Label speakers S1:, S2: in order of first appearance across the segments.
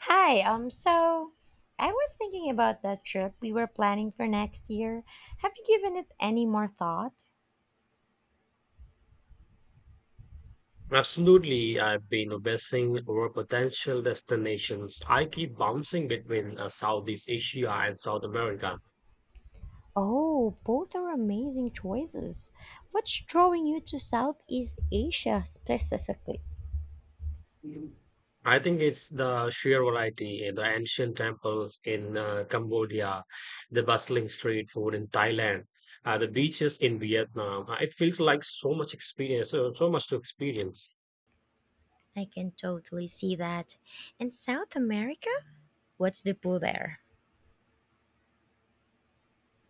S1: Hi, so I was thinking about that trip we were planning for next year. Have you given it any more thought?
S2: Absolutely, I've been obsessing over potential destinations. I keep bouncing between Southeast Asia and South America.
S1: Oh, both are amazing choices. What's drawing you to Southeast Asia specifically?
S2: I think it's the sheer variety, the ancient temples in Cambodia, the bustling street food in Thailand, the beaches in Vietnam. It feels like so much so much to experience.
S1: I can totally see that. And South America? What's the pull there?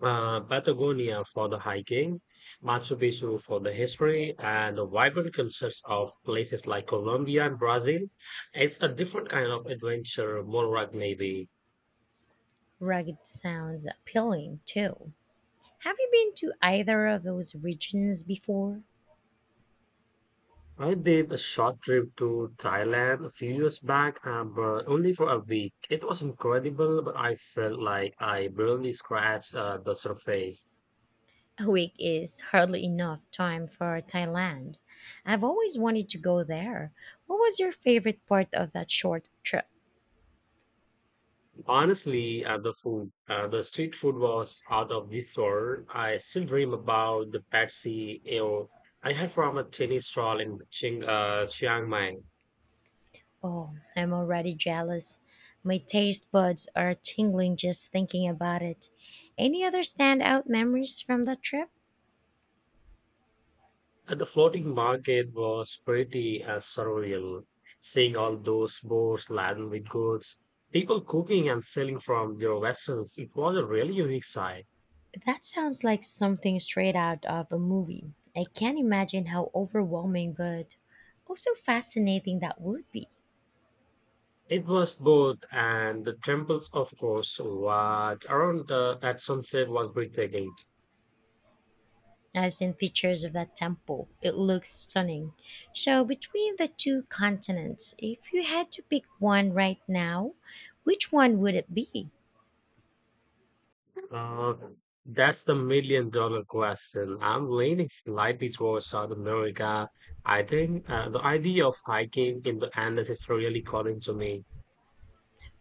S2: Patagonia for the hiking, Machu Picchu for the history, and the vibrant cultures of places like Colombia and Brazil. It's a different kind of adventure, more like maybe.
S1: Rugged sounds appealing too. Have you been to either of those regions before?
S2: I did a short trip to Thailand a few years back, but only for a week. It was incredible, but I felt like I barely scratched the surface.
S1: A week is hardly enough time for Thailand. I've always wanted to go there. What was your favorite part of that short trip?
S2: Honestly, the the street food was out of this world. I still dream about the patsy ale I had from a tiny stall in Chiang Mai.
S1: Oh, I'm already jealous. My taste buds are tingling just thinking about it. Any other standout memories from that trip?
S2: The floating market was pretty surreal, seeing all those boats laden with goods, people cooking and selling from their vessels. It was a really unique sight.
S1: That sounds like something straight out of a movie. I can't imagine how overwhelming but also fascinating that would be.
S2: It was both, and the temples, of course, what around the, at sunset was breathtaking.
S1: I've seen pictures of that temple. It looks stunning. So, between the two continents, if you had to pick one right now, which one would it be?
S2: Uh, that's the million dollar question. I'm leaning slightly towards South America. I think the idea of hiking in the Andes is really calling to me.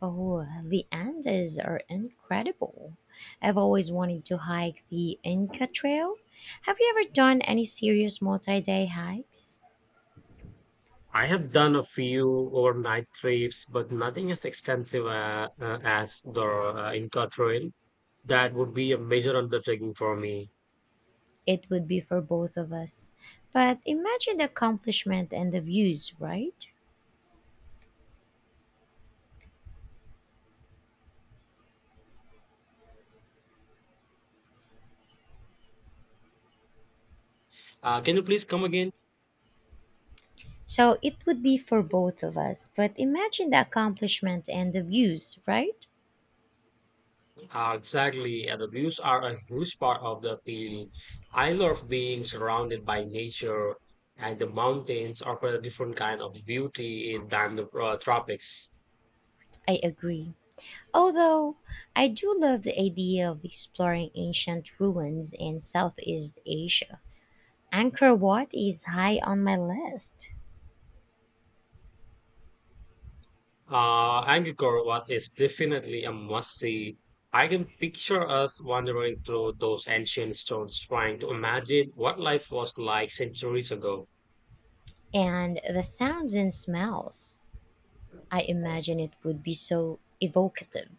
S1: Oh, the Andes are incredible. I've always wanted to hike the Inca Trail. Have you ever done any serious multi day hikes?
S2: I have done a few overnight trips, but nothing as extensive as the Inca Trail. That would be a major undertaking for me.
S1: It would be for both of us. But imagine the accomplishment and the views, right?
S2: Can you please come again?
S1: So it would be for both of us, but imagine the accomplishment and the views, right?
S2: Exactly, and the views are a huge part of the appeal. I love being surrounded by nature, and the mountains offer a different kind of beauty than the tropics.
S1: I agree. Although I do love the idea of exploring ancient ruins in Southeast Asia. Angkor Wat is high on my list,
S2: Angkor Wat is definitely a must-see. I can picture us wandering through those ancient stones, trying to imagine what life was like centuries ago.
S1: and the sounds and smells. I imagine it would be so evocative.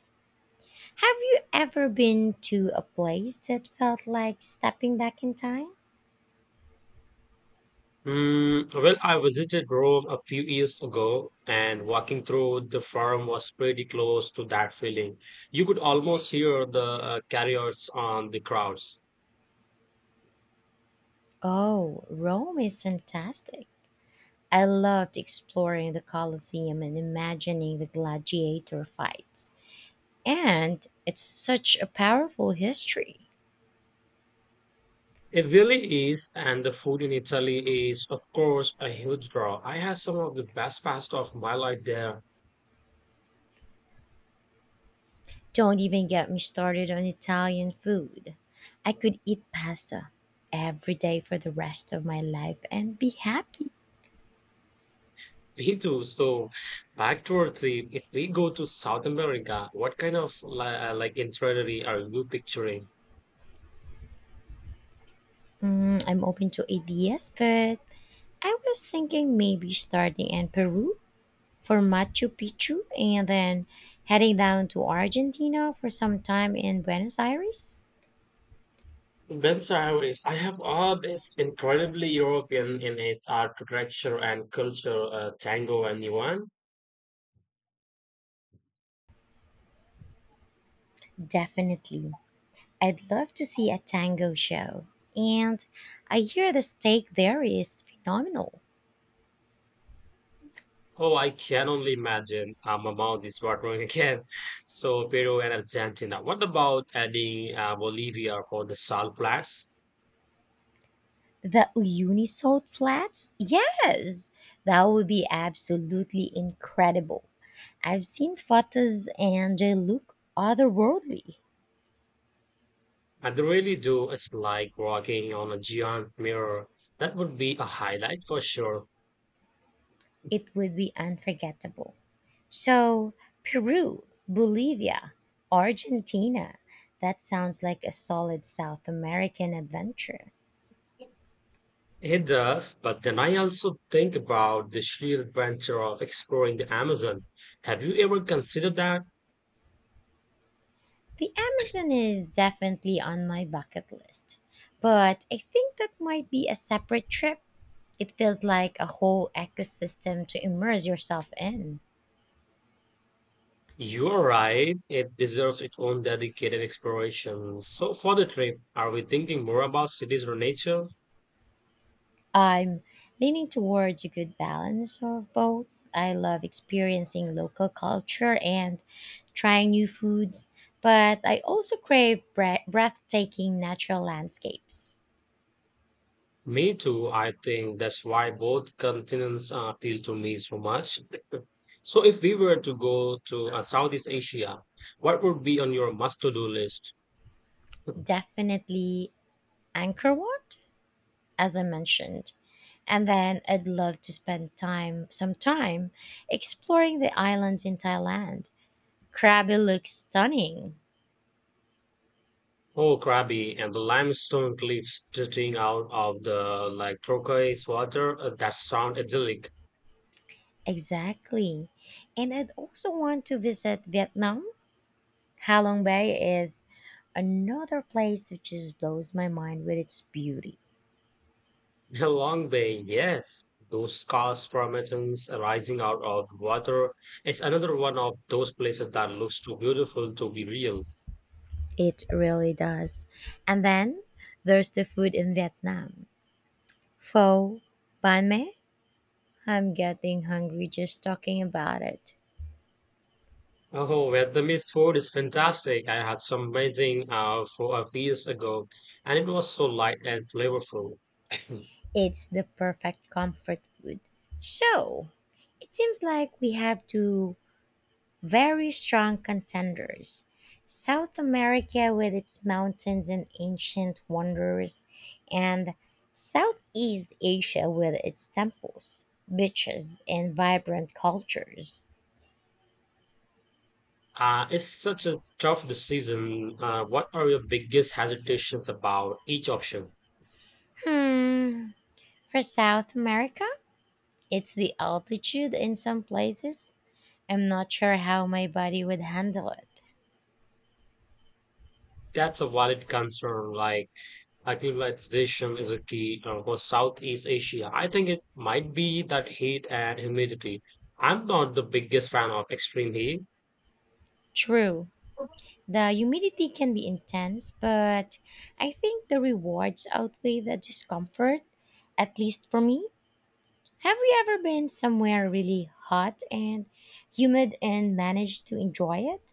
S1: Have you ever been to a place that felt like stepping back in time?
S2: Mm, well, I visited Rome a few years ago, and walking through the forum was pretty close to that feeling. You could almost hear the carriers on the crowds.
S1: Oh, Rome is fantastic. I loved exploring the Colosseum and imagining the gladiator fights. And it's such a powerful history.
S2: It really is, and the food in Italy is, of course, a huge draw. I had some of the best pasta of my life there.
S1: Don't even get me started on Italian food. I could eat pasta every day for the rest of my life and be happy.
S2: Me too. So, back to our theme. If we go to South America, what kind of like itinerary are you picturing?
S1: Mm, I'm open to ideas, but I was thinking maybe starting in Peru for Machu Picchu and then heading down to Argentina for some time in Buenos Aires.
S2: Buenos Aires, I have all this incredibly European in its architecture and culture, tango and yuan.
S1: Definitely. I'd love to see a tango show. And I hear the steak there is phenomenal.
S2: Oh, I can only imagine. My mouth is watering again. So Peru and Argentina. What about adding Bolivia for the salt flats?
S1: The Uyuni Salt Flats? Yes! That would be absolutely incredible. I've seen photos and they look otherworldly.
S2: I really do. It's like walking on a giant mirror. That would be a highlight for sure.
S1: It would be unforgettable. So, Peru, Bolivia, Argentina. That sounds like a solid South American adventure.
S2: It does, but then I also think about the sheer adventure of exploring the Amazon. Have you ever considered that?
S1: The Amazon is definitely on my bucket list, but I think that might be a separate trip. It feels like a whole ecosystem to immerse yourself in.
S2: You are right, it deserves its own dedicated exploration. So, for the trip, are we thinking more about cities or nature?
S1: I'm leaning towards a good balance of both. I love experiencing local culture and trying new foods, but I also crave breathtaking natural landscapes.
S2: Me too. I think that's why both continents appeal to me so much. So, if we were to go to Southeast Asia, what would be on your must to do list?
S1: Definitely Angkor Wat, as I mentioned. And then I'd love to spend some time, exploring the islands in Thailand. Krabi looks stunning.
S2: Oh, Krabi and the limestone cliffs jutting out of the like turquoise water. That sound idyllic.
S1: Exactly. And I'd also want to visit Vietnam. Ha Long Bay is another place that just blows my mind with its beauty.
S2: A long way, yes. Those scarce formations arising out of the water is another one of those places that looks too beautiful to be real.
S1: It really does. And then there's the food in Vietnam. Pho, banh mi. I'm getting hungry just talking about it.
S2: Oh, Vietnamese food is fantastic. I had some amazing for a few years ago, and it was so light and flavorful.
S1: It's the perfect comfort food. So, it seems like we have two very strong contenders: South America with its mountains and ancient wonders, and Southeast Asia with its temples, beaches, and vibrant cultures.
S2: It's such a tough decision. What are your biggest hesitations about each option?
S1: Hmm, for South America, it's the altitude in some places. I'm not sure how my body would handle it.
S2: That's a valid concern. Like, acclimatization is a key for Southeast Asia. I think it might be that heat and humidity. I'm not the biggest fan of extreme heat.
S1: True. The humidity can be intense, but I think the rewards outweigh the discomfort, at least for me. Have you ever been somewhere really hot and humid and managed to enjoy it?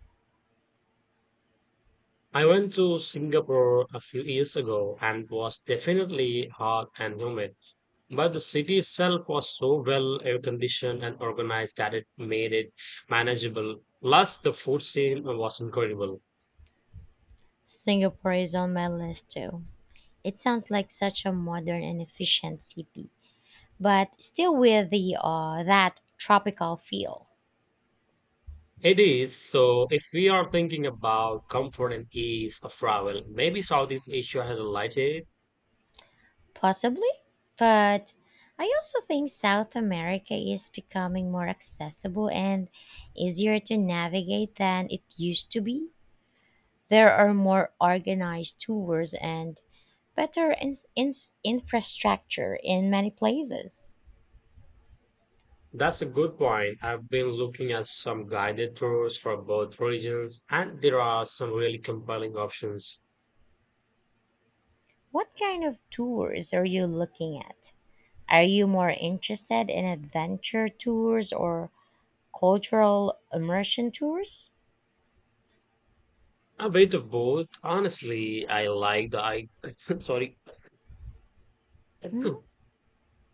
S2: I went to Singapore a few years ago and was definitely hot and humid. But the city itself was so well air conditioned and organized that it made it manageable. Plus, the food scene was incredible.
S1: Singapore is on my list too. It sounds like such a modern and efficient city, but still with the that tropical feel.
S2: It is. So, if we are thinking about comfort and ease of travel, maybe Southeast Asia has a light.
S1: Possibly, but I also think South America is becoming more accessible and easier to navigate than it used to be. There are more organized tours and better infrastructure in many places.
S2: That's a good point. I've been looking at some guided tours for both religions, and there are some really compelling options.
S1: What kind of tours are you looking at? Are you more interested in adventure tours or cultural immersion tours?
S2: A bit of both. Honestly, I like the I sorry.
S1: Hmm?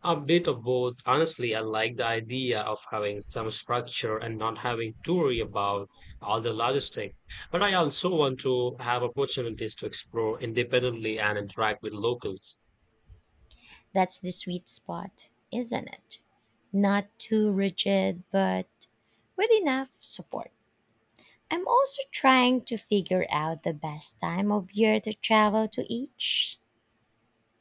S2: A bit of both. Honestly, I like the idea of having some structure and not having to worry about all the logistics. But I also want to have opportunities to explore independently and interact with locals.
S1: That's the sweet spot, isn't it? Not too rigid, but with enough support. I'm also trying to figure out the best time of year to travel to each.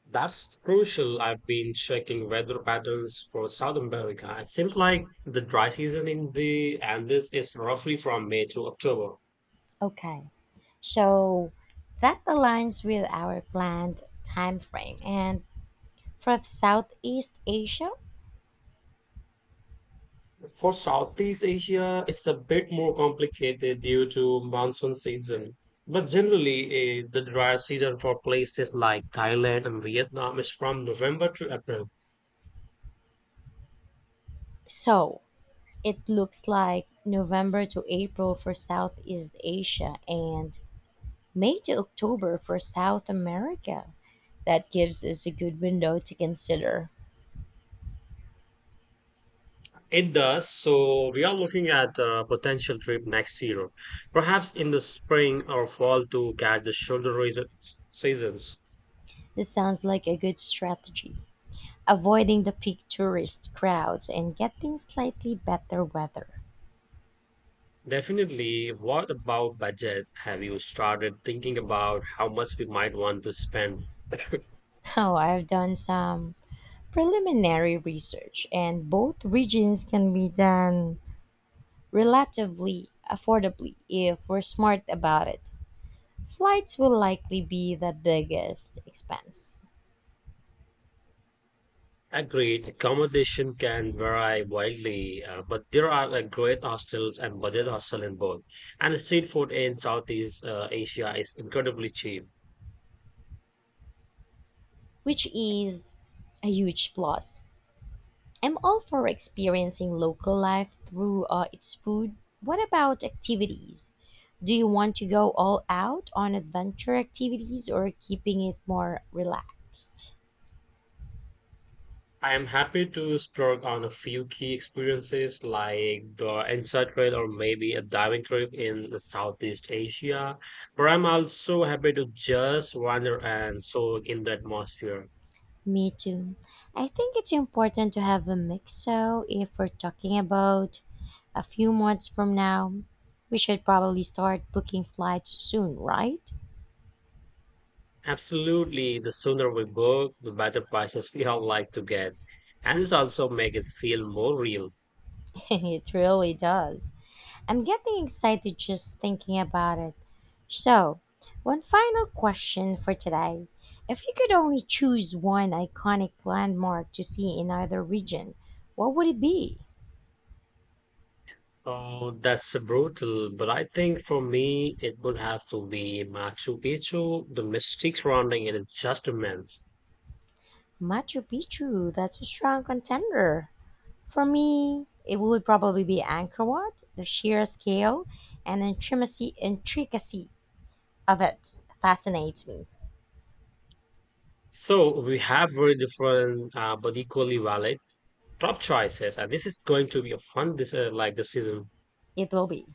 S2: That's crucial. I've been checking weather patterns for South America. It seems like the dry season in the Andes is roughly from May to October.
S1: Okay, so that aligns with our planned time frame. And for Southeast Asia,
S2: For Southeast Asia, it's a bit more complicated due to monsoon season. But generally, the dry season for places like Thailand and Vietnam is from November to April.
S1: so it looks like November to April for Southeast Asia and May to October for South America. That gives us a good window to consider.
S2: It does. So we are looking at a potential trip next year, perhaps in the spring or fall to catch the seasons.
S1: This sounds like a good strategy. Avoiding the peak tourist crowds and getting slightly better weather.
S2: Definitely. What about budget? Have you started thinking about how much we might want to spend?
S1: Oh, I've done some preliminary research, and both regions can be done relatively affordably if we're smart about it. Flights will likely be the biggest expense,
S2: Agreed, accommodation can vary widely, but there are like great hostels and budget hostel in both. And street food in Southeast Asia is incredibly cheap.
S1: which is a huge plus. I'm all for experiencing local life through its food. What about activities? Do you want to go all out on adventure activities or keeping it more relaxed?
S2: I am happy to splurge on a few key experiences like the inside trail or maybe a diving trip in the Southeast Asia. But I'm also happy to just wander and soak in the atmosphere.
S1: Me too. I think it's important to have a mix. So, if we're talking about a few months from now, we should probably start booking flights soon, right?
S2: Absolutely, the sooner we book, the better prices we all like to get. And this also make it feel more real.
S1: It really does. I'm getting excited just thinking about it. So, one final question for today. If you could only choose one iconic landmark to see in either region, what would it be?
S2: Oh, that's brutal, but I think for me it would have to be Machu Picchu. The mystic surrounding it is just immense.
S1: Machu Picchu, that's a strong contender. For me, it would probably be Angkor Wat. The sheer scale and intricacy of it fascinates me.
S2: So we have very different, but equally valid top choices, and this is going to be a fun this like decision.
S1: It will be.